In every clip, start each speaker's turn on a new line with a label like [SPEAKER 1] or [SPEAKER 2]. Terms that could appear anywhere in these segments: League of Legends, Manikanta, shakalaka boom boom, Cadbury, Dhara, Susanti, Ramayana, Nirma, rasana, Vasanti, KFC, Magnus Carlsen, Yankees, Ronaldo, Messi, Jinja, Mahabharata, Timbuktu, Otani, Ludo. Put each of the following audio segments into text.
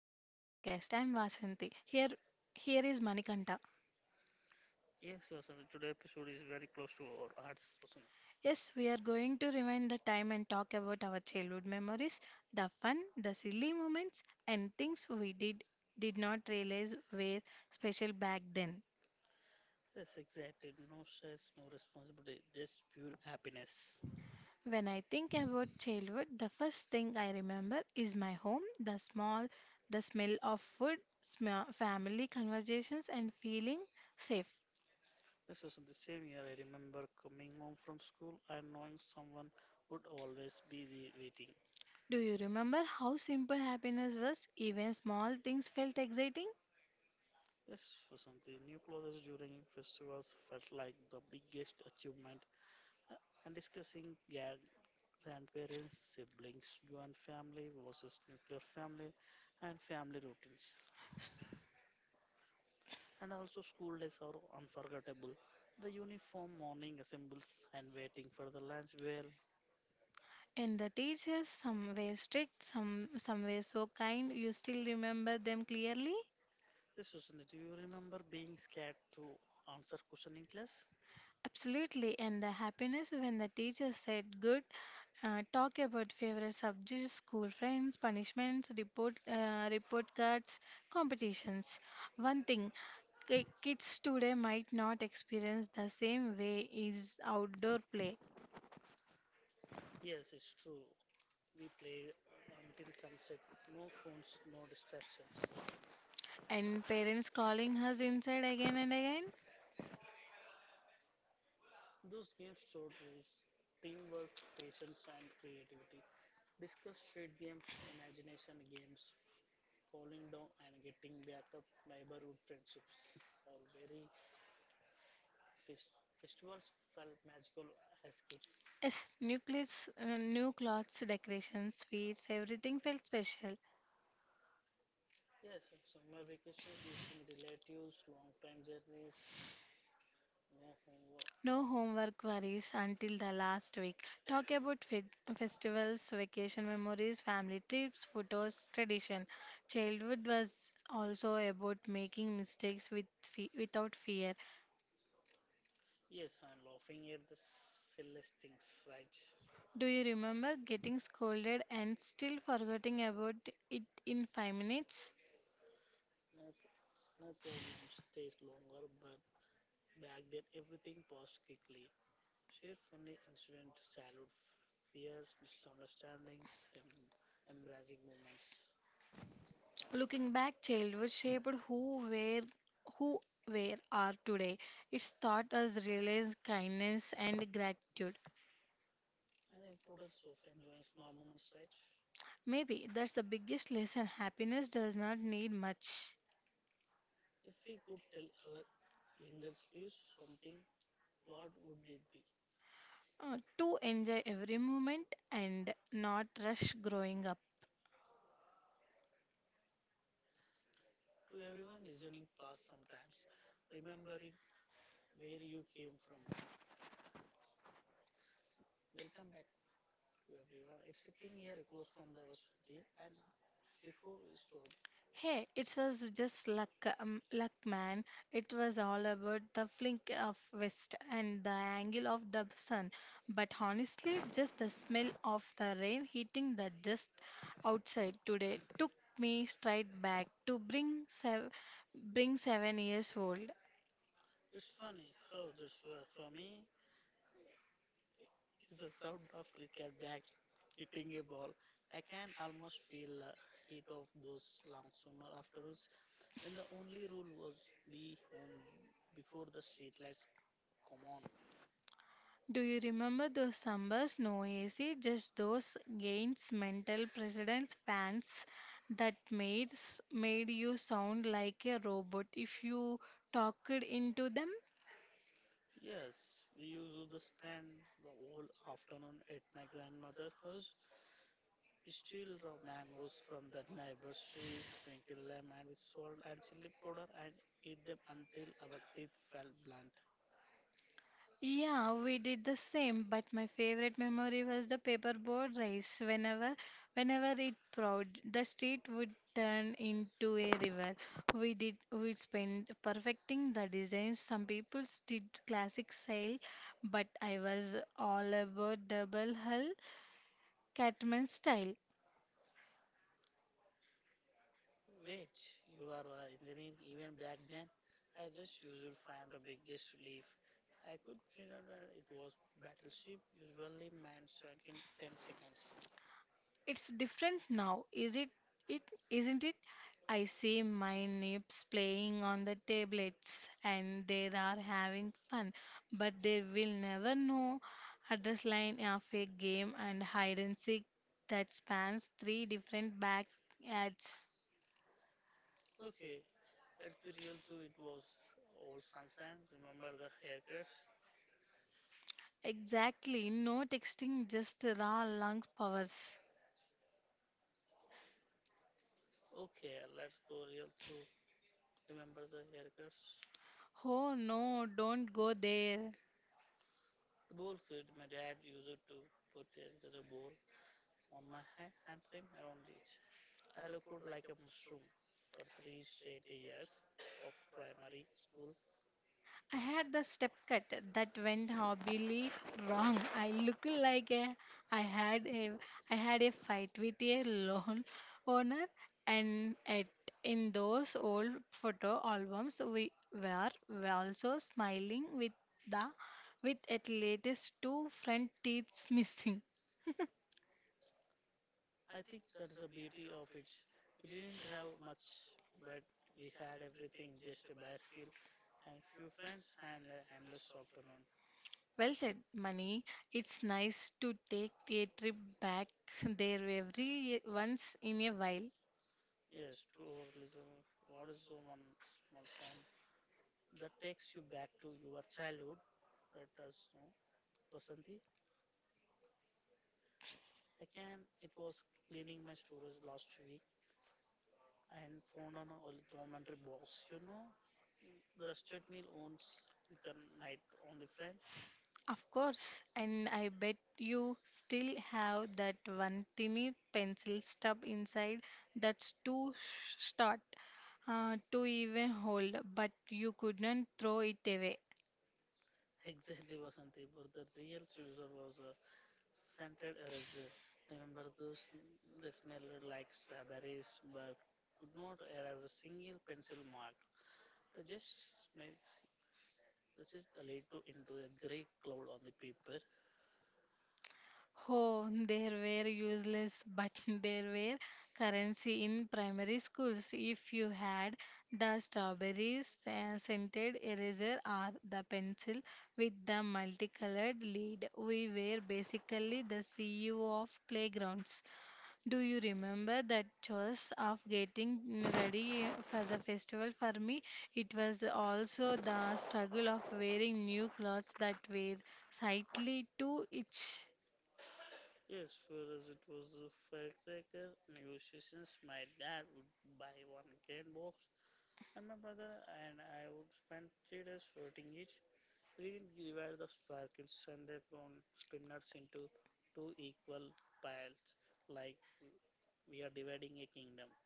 [SPEAKER 1] to our podcast. I'm Vasanti. Here is Manikanta.
[SPEAKER 2] Yes, Vasanth, today episode is very close to our hearts, Vasanth.
[SPEAKER 1] Yes, we are going to rewind the time and talk about our childhood memories, the fun, the silly moments and things we did not realize were special back then.
[SPEAKER 2] Yes, exactly. No stress, no responsibility, just pure happiness.
[SPEAKER 1] When I think about childhood, the first thing I remember is my home, the small the smell of food, family conversations and feeling safe.
[SPEAKER 2] This was in the same year I remember coming home from school and knowing someone would always be the waiting.
[SPEAKER 1] Do you remember how simple happiness was? Even small things felt exciting.
[SPEAKER 2] Yes, Vasanth, the new clothes during festivals felt like the biggest achievement. And discussing grandparents, siblings, joint family versus nuclear family, and family routines. And also school days are unforgettable. The uniform morning assembles and waiting for the lunch bell.
[SPEAKER 1] And the teachers, some were strict, some were so kind, you still remember them clearly?
[SPEAKER 2] Yes, Susanna, do you remember being scared to answer question in class?
[SPEAKER 1] Absolutely. And the happiness when the teacher said, Good, talk about favorite subjects, school friends, punishments, report cards, competitions. One thing, kids today might not experience the same way is outdoor play.
[SPEAKER 2] Yes, it's true. We played until sunset. No phones, no distractions.
[SPEAKER 1] And parents calling us inside again and again.
[SPEAKER 2] Those games showed rules, teamwork, patience, and creativity. Discuss street games, imagination games, falling down and getting back up, neighborhood friendships are very Fes- festivals felt magical as kids.
[SPEAKER 1] Yes, new clothes, decorations, sweets, everything felt special.
[SPEAKER 2] Yes, summer vacations, visiting relatives, long time journeys, no homework.
[SPEAKER 1] No homework worries until the last week. Talk about festivals, vacation memories, family trips, photos, tradition. Childhood was also about making mistakes with without fear.
[SPEAKER 2] Yes, and laughing at the silliest things, right?
[SPEAKER 1] Do you remember getting scolded and still forgetting about it in 5 minutes?
[SPEAKER 2] No, no problem stays longer, but back then everything passed quickly. Share funny incident, childhood fears, misunderstandings, embarrassing moments,
[SPEAKER 1] Looking back, childhood shaped who where are today. It's taught us realize kindness and gratitude.
[SPEAKER 2] and the importance of enjoying small moments, right?
[SPEAKER 1] Maybe that's the biggest lesson. Happiness does not need much
[SPEAKER 2] If we could tell our younger selves something, what would it be?
[SPEAKER 1] to enjoy every moment and not rush growing up.
[SPEAKER 2] To everyone listening past sometimes, remembering where you came from. Welcome back to everyone. It's sitting here across from the Vaswati, and before we start,
[SPEAKER 1] Hey, it was just luck, man. It was all about the flink of west and the angle of the sun. But honestly, just the smell of the rain hitting the just outside today took me straight back to bring 7 years old.
[SPEAKER 2] it's funny how this works for me is the sound of cricket bat hitting a ball. I can almost feel the heat of those long summer afternoons when the only rule was be home before the street lights come on.
[SPEAKER 1] Do you remember those summers? No AC, just those gains, mental presidents, fans that made you sound like a robot if you talked into them.
[SPEAKER 2] Yes, we used to spend the whole afternoon at my grandmother's house. We steal raw mangoes from the neighbor's tree, sprinkle them and with salt and chili powder, and eat them until our teeth felt blunt.
[SPEAKER 1] Yeah, we did the same, but my favorite memory was the paperboard race. Whenever it poured, the street would turn into a river. We spent perfecting the designs. Some people did classic sail, but I was all about double hull Catman style.
[SPEAKER 2] Wait, you are an engineer even back then? I just used to find the biggest leaf. I could figure that it was battleship, usually mine sank in 10 seconds.
[SPEAKER 1] It's different now, is it? It isn't it? I see my neighbors playing on the tablets and they are having fun, but they will never know address line of a game and hide and seek that spans three different back ads.
[SPEAKER 2] Okay, let's be real too, it was all sunshine. Remember the haircuts?
[SPEAKER 1] Exactly, no texting, just raw lung powers.
[SPEAKER 2] Okay, let's go real through. Remember the haircuts?
[SPEAKER 1] Oh no, don't go there.
[SPEAKER 2] The bowl kid, my dad used it to put a little bowl on my head and trim around it. I looked like a mushroom for three straight years of primary school.
[SPEAKER 1] I had the step cut that went horribly wrong. I looked like a, I had a fight with a loan owner and at in those old photo albums we were also smiling the with at latest two front teeth missing.
[SPEAKER 2] I think that's the beauty of it. We didn't have much, but we had everything, just a bicycle and few friends and an endless afternoon.
[SPEAKER 1] Well said, Mani. It's nice to take a trip back there every once in a while.
[SPEAKER 2] Yes, to our listener, what is the one small song that takes you back to your childhood? Let us know. Vasanti, again, it was cleaning my storage last week and found an old dormitory box. You know, the rusted meal owns with the night on the front.
[SPEAKER 1] Of course, and I bet you still have that one tiny pencil stub inside that's short to even hold, but you couldn't throw it away.
[SPEAKER 2] Exactly, Vasanti, but the real chooser was a scented eraser. Remember those? They smelled like strawberries, but could not erase a single pencil mark. They just smell. They just laid to into a grey cloud on the paper.
[SPEAKER 1] Oh, there were useless, but there were currency in primary schools. If you had the strawberries scented eraser or the pencil with the multicolored lead, we were basically the CEO of playgrounds. Do you remember that choice of getting ready for the festival? For me, it was also the struggle of wearing new clothes that were slightly too itchy.
[SPEAKER 2] Yes, for us it was a firecracker negotiations. My dad would buy 1 grand box, and my brother and I would spend 3 days sorting each. We didn't divide the sparkles and the prawn spinners into two equal piles, like we are dividing a kingdom.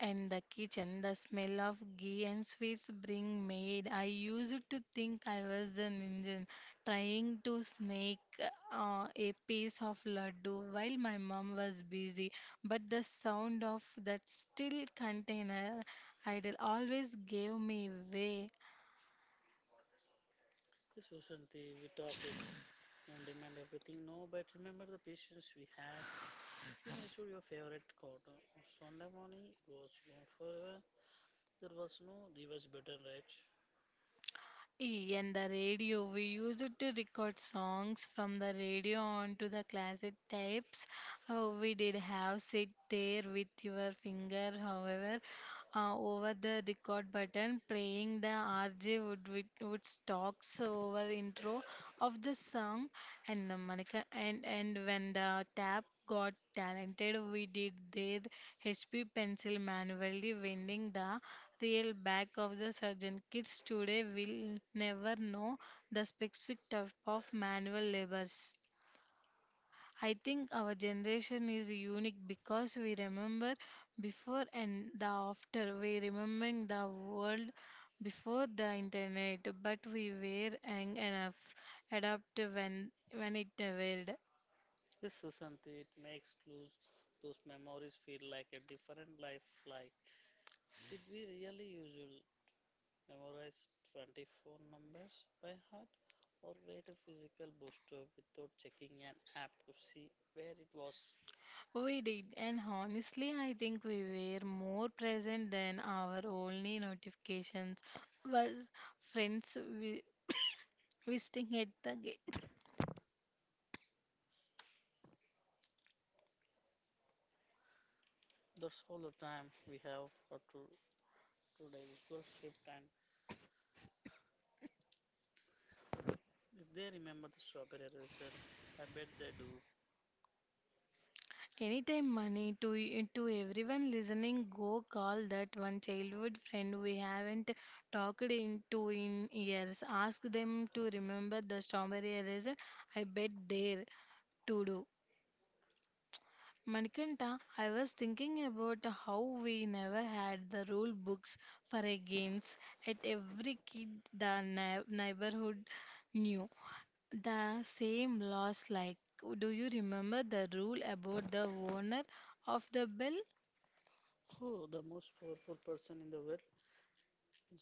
[SPEAKER 1] And the kitchen, the smell of ghee and sweets bring maid. I used to think I was the ninja trying to snake a piece of laddu while my mom was busy. But the sound of that still container idol always gave me away.
[SPEAKER 2] Yes, Vasanti, we talk on demand everything no, but remember the patience we had. If you missed your favorite card on Sunday morning, it was gone forever. There was no reverse button, right?
[SPEAKER 1] E and the radio, we used it to record songs from the radio onto the cassette tapes. Oh, we did have sit there with your finger, over the record button, playing the RJ would stalks over intro of the song, and the Monica and when the tap got talented, we did their HP pencil manually winding the real back of the surgeon. Kids today will never know the specific type of manual labors. I think our generation is unique because we remember before and the after. We remembering the world before the internet, but we were young enough, adapt when it evolved.
[SPEAKER 2] Yes, Susanti, it makes lose those memories feel like a different life. Like, did we really usually memorize 24 numbers by heart or wait a physical bookstore without checking an app to see where it was?
[SPEAKER 1] We did, and honestly, I think we were more present than our only notifications was friends visiting at the gate.
[SPEAKER 2] That's all the time we have for to, today visual shift. And if they remember the strawberry eraser, I bet they do.
[SPEAKER 1] Anytime money to to everyone listening, go call that one childhood friend we haven't talked in to in years. Ask them to remember the strawberry raisin. I bet they're to do. Manikanta, I was thinking about how we never had the rule books for our games at every kid the neighborhood knew. The same laws like do you remember the rule about the owner of the bell
[SPEAKER 2] Oh, the most powerful person in the world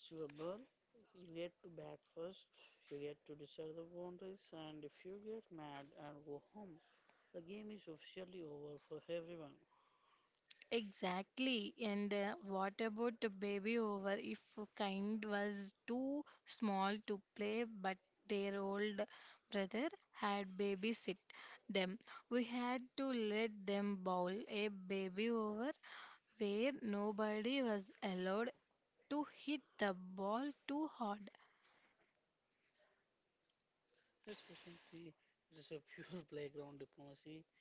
[SPEAKER 2] is your bird. You get to bat first, you get to decide the boundaries, and if you get mad and go home, the game is officially over for everyone.
[SPEAKER 1] Exactly. And what about the baby over? If kind was too small to play, but their old brother had babysit them. We had to let them bowl a baby over where nobody was allowed to hit the ball too hard.
[SPEAKER 2] Yes, Vasanti, it is a pure playground diplomacy.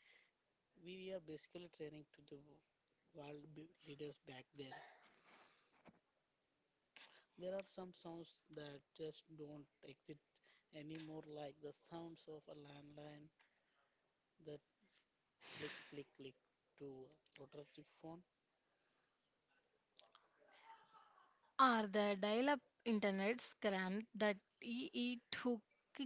[SPEAKER 2] We are basically training to the leaders back then. There are some sounds that just don't exist anymore, like the sounds of a landline that click, click, click to a rotative phone.
[SPEAKER 1] Are the dial-up internet scrammed that ee took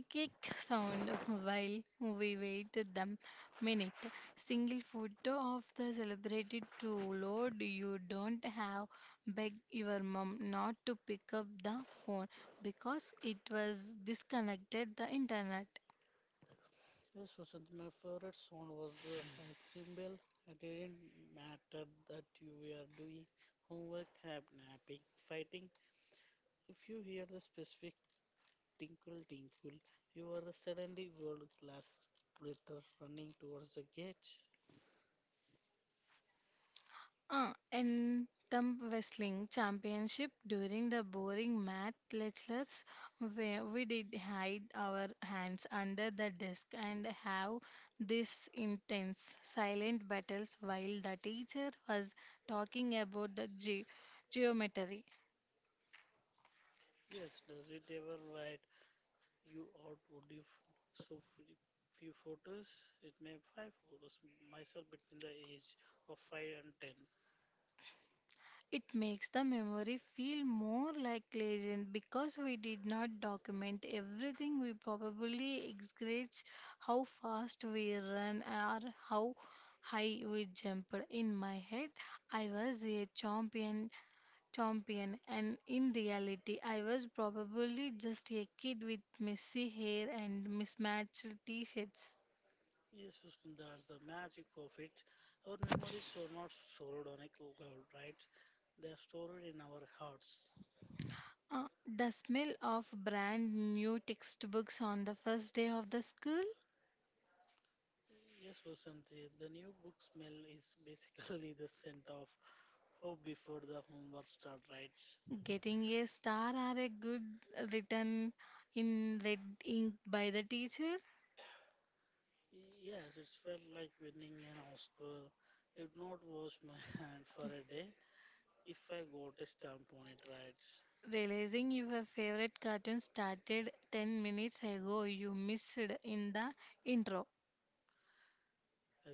[SPEAKER 1] kick sound of while we waited them minute? Single photo of the celebrated to load. You don't have beg your mom not to pick up the phone because it was disconnected the internet.
[SPEAKER 2] Yes, Sushant, my favorite song was Ice Cream Bell. It didn't matter that you were doing homework, napping, fighting. If you hear the specific tinkle tinkle, you are the suddenly world class splitter running towards the gate.
[SPEAKER 1] In the wrestling championship during the boring math lectures, where we did hide our hands under the desk and have these intense silent battles while the teacher was talking about the geometry.
[SPEAKER 2] Yes, does it ever write you out? Would you so few photos? It may have 5 photos myself between the age of 5 and 10.
[SPEAKER 1] It makes the memory feel more like legend because we did not document everything. We probably exaggerate how fast we ran or how high we jumped. In my head, I was a champion, and in reality, I was probably just a kid with messy hair and mismatched t-shirts.
[SPEAKER 2] Yes, Muskan, that's the magic of it. Our memories are not stored on a cloud, right? They are stored in our hearts.
[SPEAKER 1] Uh, the smell of brand new textbooks on the first day of the school.
[SPEAKER 2] Yes, Vasanti, the new book smell is basically the scent of hope before the homework start, right?
[SPEAKER 1] Getting a star or a good written in red ink by the teacher.
[SPEAKER 2] Yes, it felt like winning an Oscar. Did not wash my hand for a day if I got a stamp on it, right?
[SPEAKER 1] Realizing your favorite cartoon started 10 minutes ago, you missed in the intro.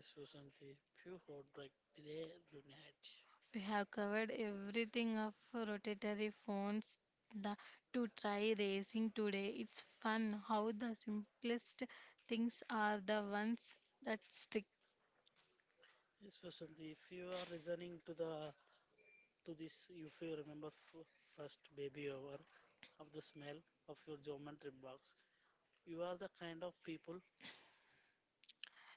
[SPEAKER 2] Yes, Vasanti, pure heartbreak today, tonight.
[SPEAKER 1] We have covered everything of rotatory phones the, to try racing today. It's fun how the simplest things are the ones that stick.
[SPEAKER 2] Yes, Vasanti, if you are listening to the to this, if you remember first baby hour of the smell of your geometry box. You are the kind of people.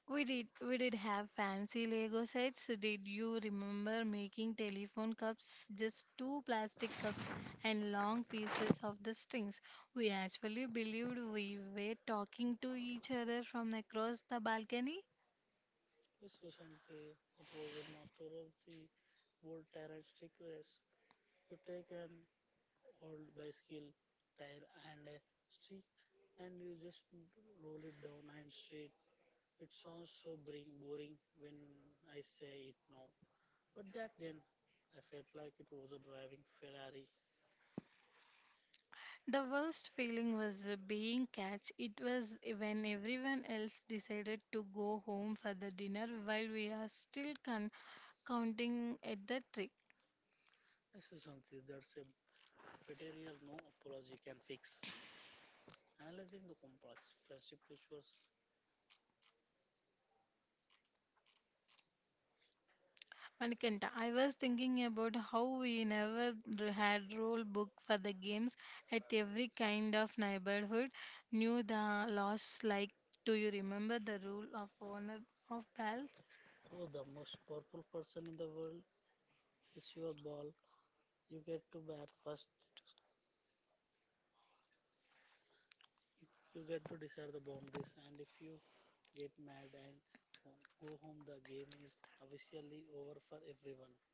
[SPEAKER 1] We did have fancy Lego sets. Did you remember making telephone cups? Just two plastic cups and long pieces of the strings. We actually believed we were talking to each other from across the balcony.
[SPEAKER 2] Yes, Vasanti, it was a master of the old tire and stick race. You take an old bicycle tire and a stick and you just roll it down and street. It sounds so boring when I say it now. But back then, I felt like it was a driving Ferrari.
[SPEAKER 1] The worst feeling was being catch. It was when everyone else decided to go home for the dinner while we are still counting at the tree.
[SPEAKER 2] Yes, Vasanti, that's a betrayal no apology can fix. Analyzing the complex friendship rituals.
[SPEAKER 1] Manikanta, I was thinking about how we never had rule book for the games at every kind of neighborhood. Knew the laws like, do you remember the rule of owner of bells?
[SPEAKER 2] Oh, the most powerful person in the world, it's your ball. You get to bat first, you, you get to decide the boundaries, and if you get mad and go home, the game is officially over for everyone.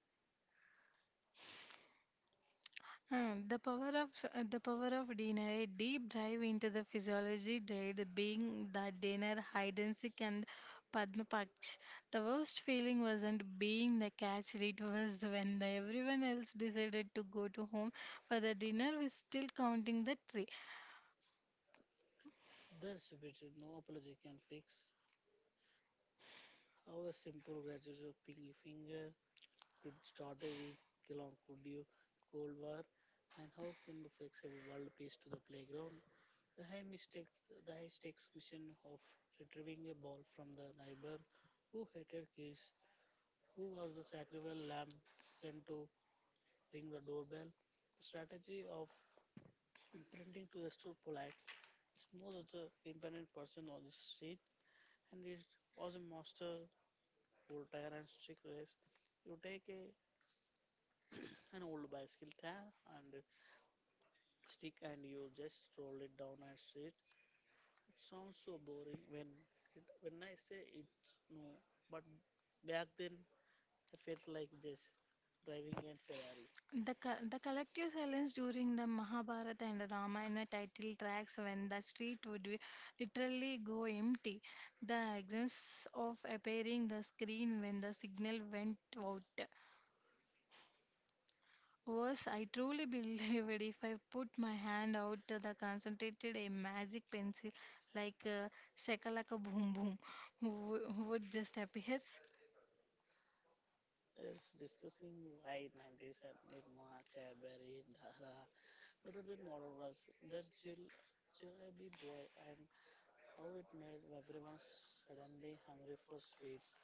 [SPEAKER 1] Hmm, the power of dinner, a deep dive into the physiology, did being that dinner, hide and seek, and Padma Paksh. The worst feeling wasn't being the catch; it was when everyone else decided to go to home for the dinner. We're still counting the tree.
[SPEAKER 2] That's betrayal no apology can fix. How a simple graduation of pinky finger could start a week long could you Cold War, and how Timbuktu flexible world peace to the playground. The high mistakes, the high stakes mission of retrieving a ball from the neighbor who hated kids, who was the sacrificial lamb sent to ring the doorbell. The strategy of pretending to extra polite, it's most the impertinent person on the street, and it was a master old tyrant's trick race. You take a an old bicycle tire and stick and you just roll it down a street. It sounds so boring when it, when I say it. No, but back then I felt like just driving a Ferrari.
[SPEAKER 1] The collective silence during the Mahabharata and Ramayana title tracks, when the street would be literally go empty, the absence of appearing the screen when the signal went out was I truly believed if I put my hand out, the concentrated a magic pencil like shakalaka boom boom wo- would just appear.
[SPEAKER 2] It's discussing why 90s at Nirma, Cadbury, Dhara, better than modern was their chill, jalebi boy, and how it made everyone suddenly hungry for sweets.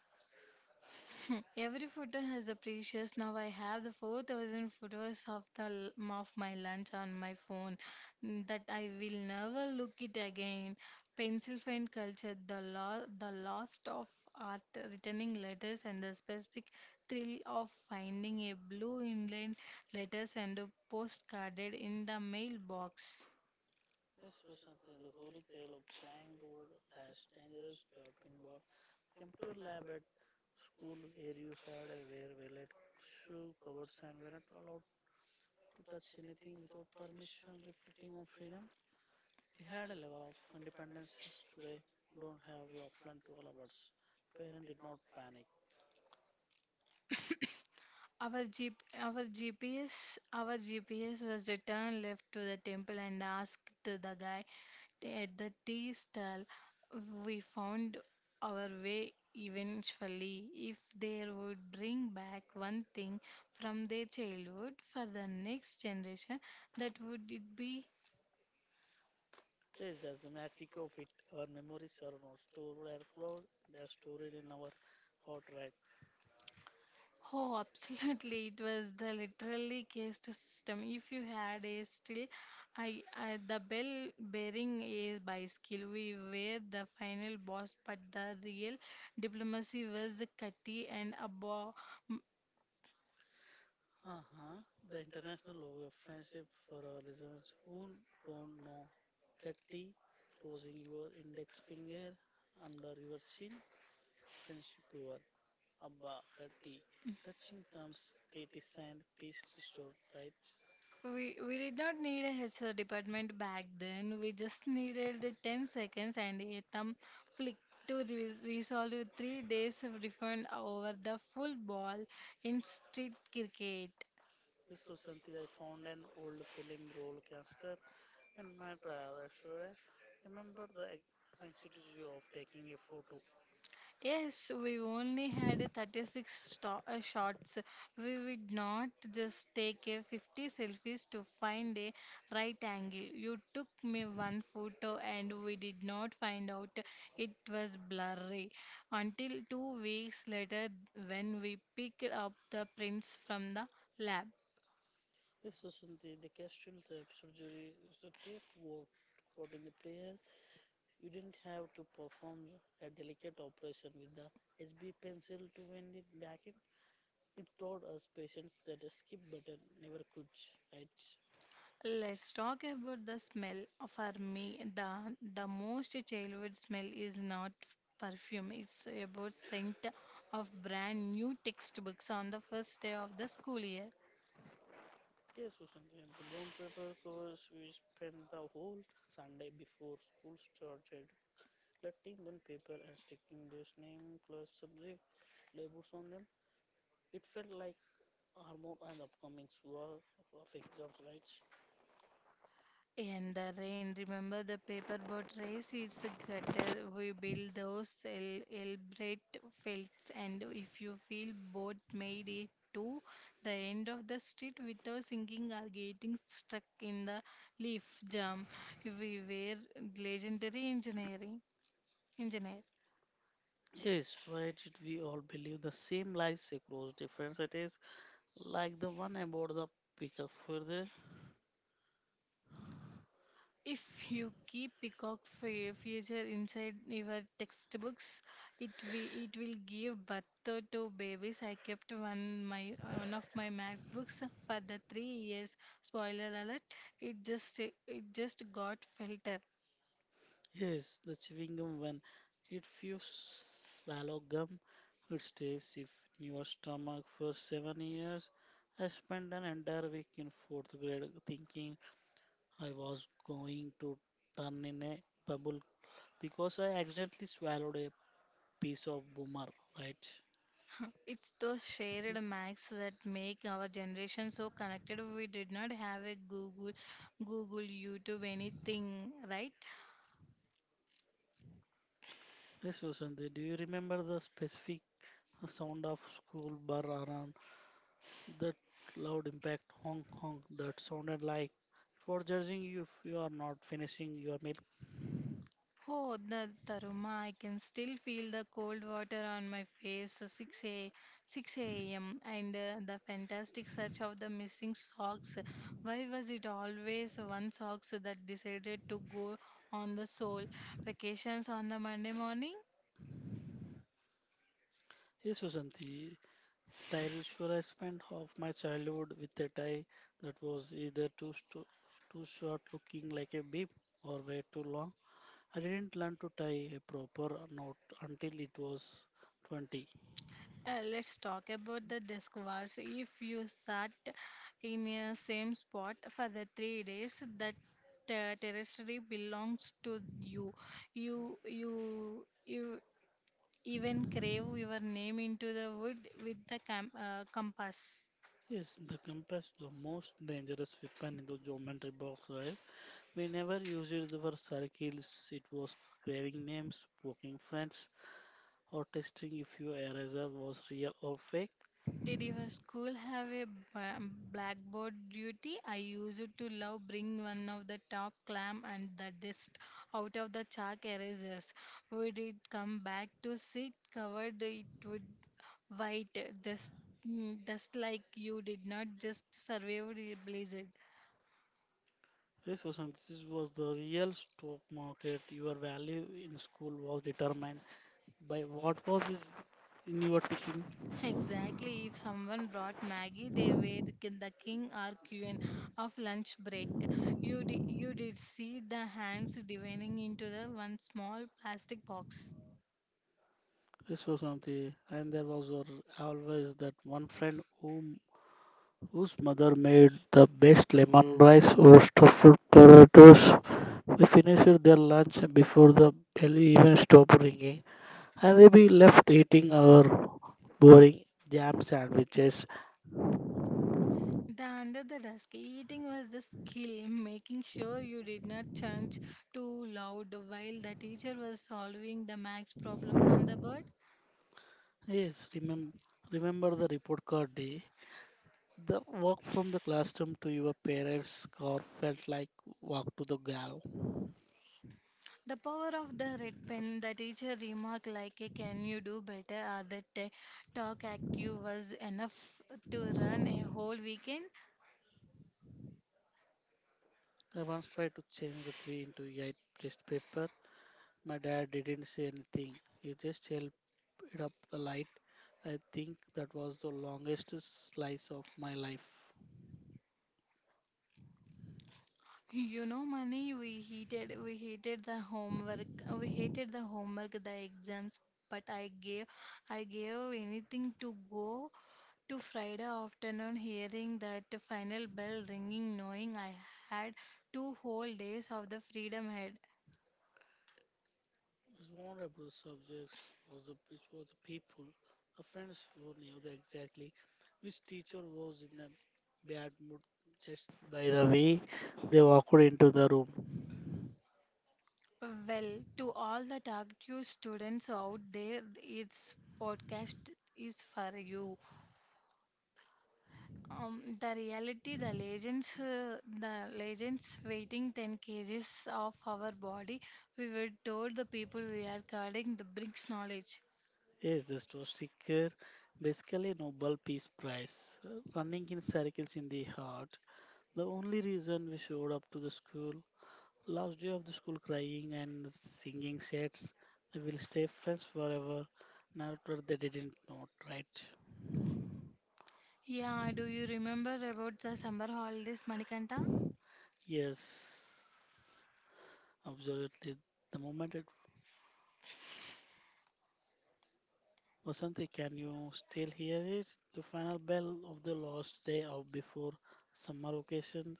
[SPEAKER 1] Every photo has a precious. Now I have the 4,000 photos of my lunch on my phone mm, that I will never look it again. Pencil find culture, the lost of art, returning letters, and the specific thrill of finding a blue inland letters and a postcarded in the mailbox.
[SPEAKER 2] This was something the holy grail of flying road, last dangerous to pinball, computer lab at school where you had a wear valet shoe covers and were not allowed to touch anything without permission reflecting on freedom we had a level of independence as today don't have we often to all of us parent did not panic.
[SPEAKER 1] Our G our GPS our GPS was returned left to the temple and asked the guy at the tea stall. We found our way eventually. If they would bring back one thing from their childhood for the next generation, that would it be.
[SPEAKER 2] Yes, that's the magic of it. Our memories are not stored in our cloud, they are stored in our heart, right?
[SPEAKER 1] Oh, absolutely. It was the literally caste system. If you had a still, I the bell bearing a bicycle. We were the final boss, but the real diplomacy was the cutty and above.
[SPEAKER 2] Uh-huh. The International Logo of Friendship for our listeners who don't know. Kheti, closing your index finger under your chin. Friendship over. Abba, Kheti. Touching thumbs, treaty signed, peace restored, right?
[SPEAKER 1] We did not need a HR department back then. We just needed the 10 seconds and a thumb flick to resolve 3 days of refund over the full ball in street cricket.
[SPEAKER 2] This was something I found an old film roll caster in my trial restaurant. Remember the anxiety of taking a photo.
[SPEAKER 1] Yes, we only had a 36 shots. We would not just take a 50 selfies to find a right angle. You took me one photo and we did not find out it was blurry until 2 weeks later when we picked up the prints from the lab.
[SPEAKER 2] Yes, Susanti, the casual tape surgery is the tape worked out in the player. You didn't have to perform a delicate operation with the HB pencil to win it back in. It taught us patience that a skip button never could, right?
[SPEAKER 1] Let's talk about the smell. For me, the most childhood smell is not perfume, it's about scent of brand new textbooks on the first day of the school year.
[SPEAKER 2] Yes, Susan, and the bond paper covers we spent the whole Sunday before school started collecting bond paper and sticking those name, class, subject labels on them. It felt like armor and upcoming war of exams, right?
[SPEAKER 1] In the rain, remember the paper boat race? It's a gutter. We build those elaborate fields, and if you feel boat made it to the end of the street without sinking or getting stuck in the leaf jam, we were legendary engineering engineers.
[SPEAKER 2] Yes, why did we all believe the same lies across different cities? Like the one about the pickup for the
[SPEAKER 1] If you keep peacock future inside your textbooks, it will give birth to two babies. I kept one of my math books for the 3 years. Spoiler alert! It just got filtered.
[SPEAKER 2] yes, the chewing gum one. If you swallow gum, it stays if in your stomach for 7 years. I spent an entire week in fourth grade thinking I was going to turn in a bubble because I accidentally swallowed a piece of boomer, right?
[SPEAKER 1] It's those shared max that make our generation so connected. We did not have a Google, YouTube, anything, right?
[SPEAKER 2] Yes, Vasanti, do you remember the specific sound of school bar alarm? That loud impact, honk honk, that sounded like for judging you if you are not finishing your milk.
[SPEAKER 1] Oh, the Taruma, I can still feel the cold water on my face, 6 a.m. and the fantastic search of the missing socks. Why was it always one socks that decided to go on the sole vacations on the Monday morning?
[SPEAKER 2] Yes, Vasanti, tie ritual I spent half my childhood with a tie that was either too short looking like a bib or way too long. I didn't learn to tie a proper knot until it was 20.
[SPEAKER 1] Let's talk about the desk wars. If you sat in the same spot for the 3 days, that terrestrial belongs to you. Even crave your name into the wood with the compass.
[SPEAKER 2] Yes, the compass, the most dangerous weapon in the geometry box, right? We never used it for circles, it was craving names, poking friends, or testing if your eraser was real or fake.
[SPEAKER 1] Did your school have a ba- blackboard duty? I used to love bring one of the top clam and the dust out of the chalk erasers. Would it come back to sit covered? It would white dust, dust like you did not just survive the blizzard.
[SPEAKER 2] This was the real stock market. Your value in school was determined by what was is in your teaching.
[SPEAKER 1] Exactly. If someone brought Maggie, they were the king or queen of lunch break. You did see the hands divining into the one small plastic box.
[SPEAKER 2] This was something, and there was always that one friend whom whose mother made the best lemon rice or stuffed potatoes. We finished their lunch before the bell even stopped ringing. And then be left eating our boring jam sandwiches.
[SPEAKER 1] The under the desk eating was the skill, making sure you did not chant too loud while the teacher was solving the max problems on the board.
[SPEAKER 2] Yes, remember the report card day? The walk from the classroom to your parents' car felt like walk to the gallows.
[SPEAKER 1] The power of the red pen, the teacher remark like a can you do better or that a talk active was enough to run a whole weekend.
[SPEAKER 2] I once tried to change the three into eight test paper. My dad didn't say anything. He just held it up the light. I think that was the longest slice of my life.
[SPEAKER 1] You know money we hated the homework the exams, but I gave anything to go to Friday afternoon hearing that final bell ringing knowing I had two whole days of the freedom ahead.
[SPEAKER 2] His vulnerable subjects was the which was the people, the friends who knew the exactly which teacher was in a bad mood just by the way they walked into the room.
[SPEAKER 1] Well, to all the dark Due students out there, its podcast is for you. The reality, the legends weighing 10 kgs of our body, we were told the people we are guarding the brings knowledge.
[SPEAKER 2] Yes, this was sticker, basically Nobel Peace Prize, running in circles in the heart. The only reason we showed up to the school, last day of the school crying and singing sets, we will stay friends forever. Narrator they didn't know, right?
[SPEAKER 1] Yeah, do you remember about the summer holidays, Manikanta?
[SPEAKER 2] Yes. Absolutely. The moment it Vasanti, can you still hear it? The final bell of the last day of before summer vacation.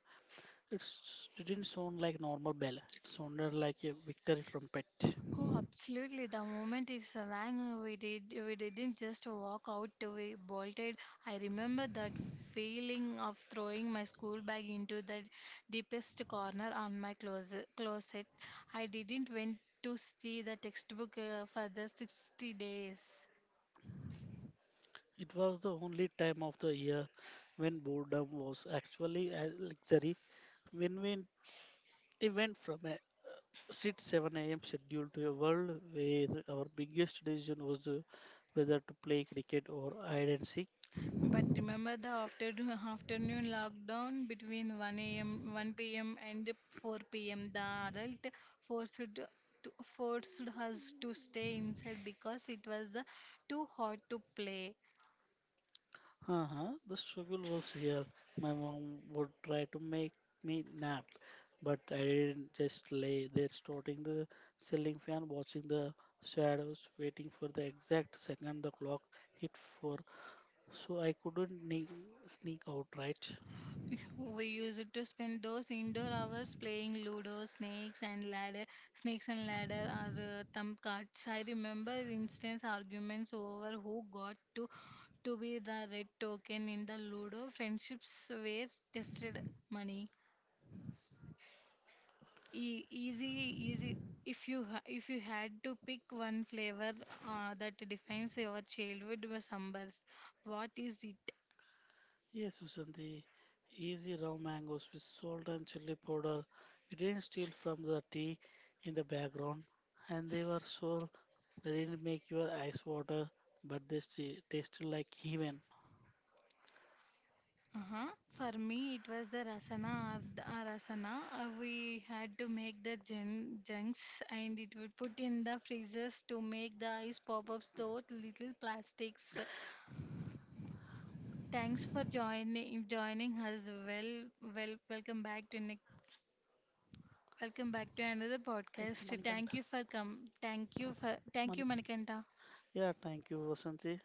[SPEAKER 2] It's, it didn't sound like normal bell. It sounded like a victory trumpet.
[SPEAKER 1] Oh, absolutely. The moment it rang, we didn't just walk out, we bolted. I remember that feeling of throwing my school bag into the deepest corner on my closet. I didn't went to see the textbook for the 60 days.
[SPEAKER 2] It was the only time of the year when boredom was actually a luxury. When we it went from a 6 7 a.m. schedule to a world where our biggest decision was whether to play cricket or hide and seek.
[SPEAKER 1] But remember the afternoon lockdown between 1 a.m. 1 p.m. and 4 p.m. The adult forced to, forced us to stay inside because it was too hot to play.
[SPEAKER 2] Uh-huh. The struggle was real. My mom would try to make me nap, but I didn't just lay there starting the ceiling fan, watching the shadows, waiting for the exact second the clock hit four, so I couldn't sneak out, right?
[SPEAKER 1] We used to spend those indoor hours playing Ludo, snakes and ladder, or thumb cards. I remember instance arguments over who got to be the red token in the Ludo. Friendships were tested money. Easy, easy. If you had to pick one flavor that defines your childhood was summers, what is it?
[SPEAKER 2] Yes, Susanti. Easy raw mangoes with salt and chili powder. We didn't steal from the tea in the background, and they were sour. They didn't make your eyes water, but they tasted like heaven.
[SPEAKER 1] Uh-huh. For me, it was the rasana or the rasana. We had to make the jun junks and it would put in the freezers to make the ice pop-ups, those little plastics. Thanks for joining us. Well, welcome back to Nick. Welcome back to another
[SPEAKER 2] Thank you,
[SPEAKER 1] podcast. Thank
[SPEAKER 2] Manikanta.
[SPEAKER 1] you for come. Thank you,
[SPEAKER 2] Manikanta.
[SPEAKER 1] Manikanta.
[SPEAKER 2] Yeah, thank you, Vasanti.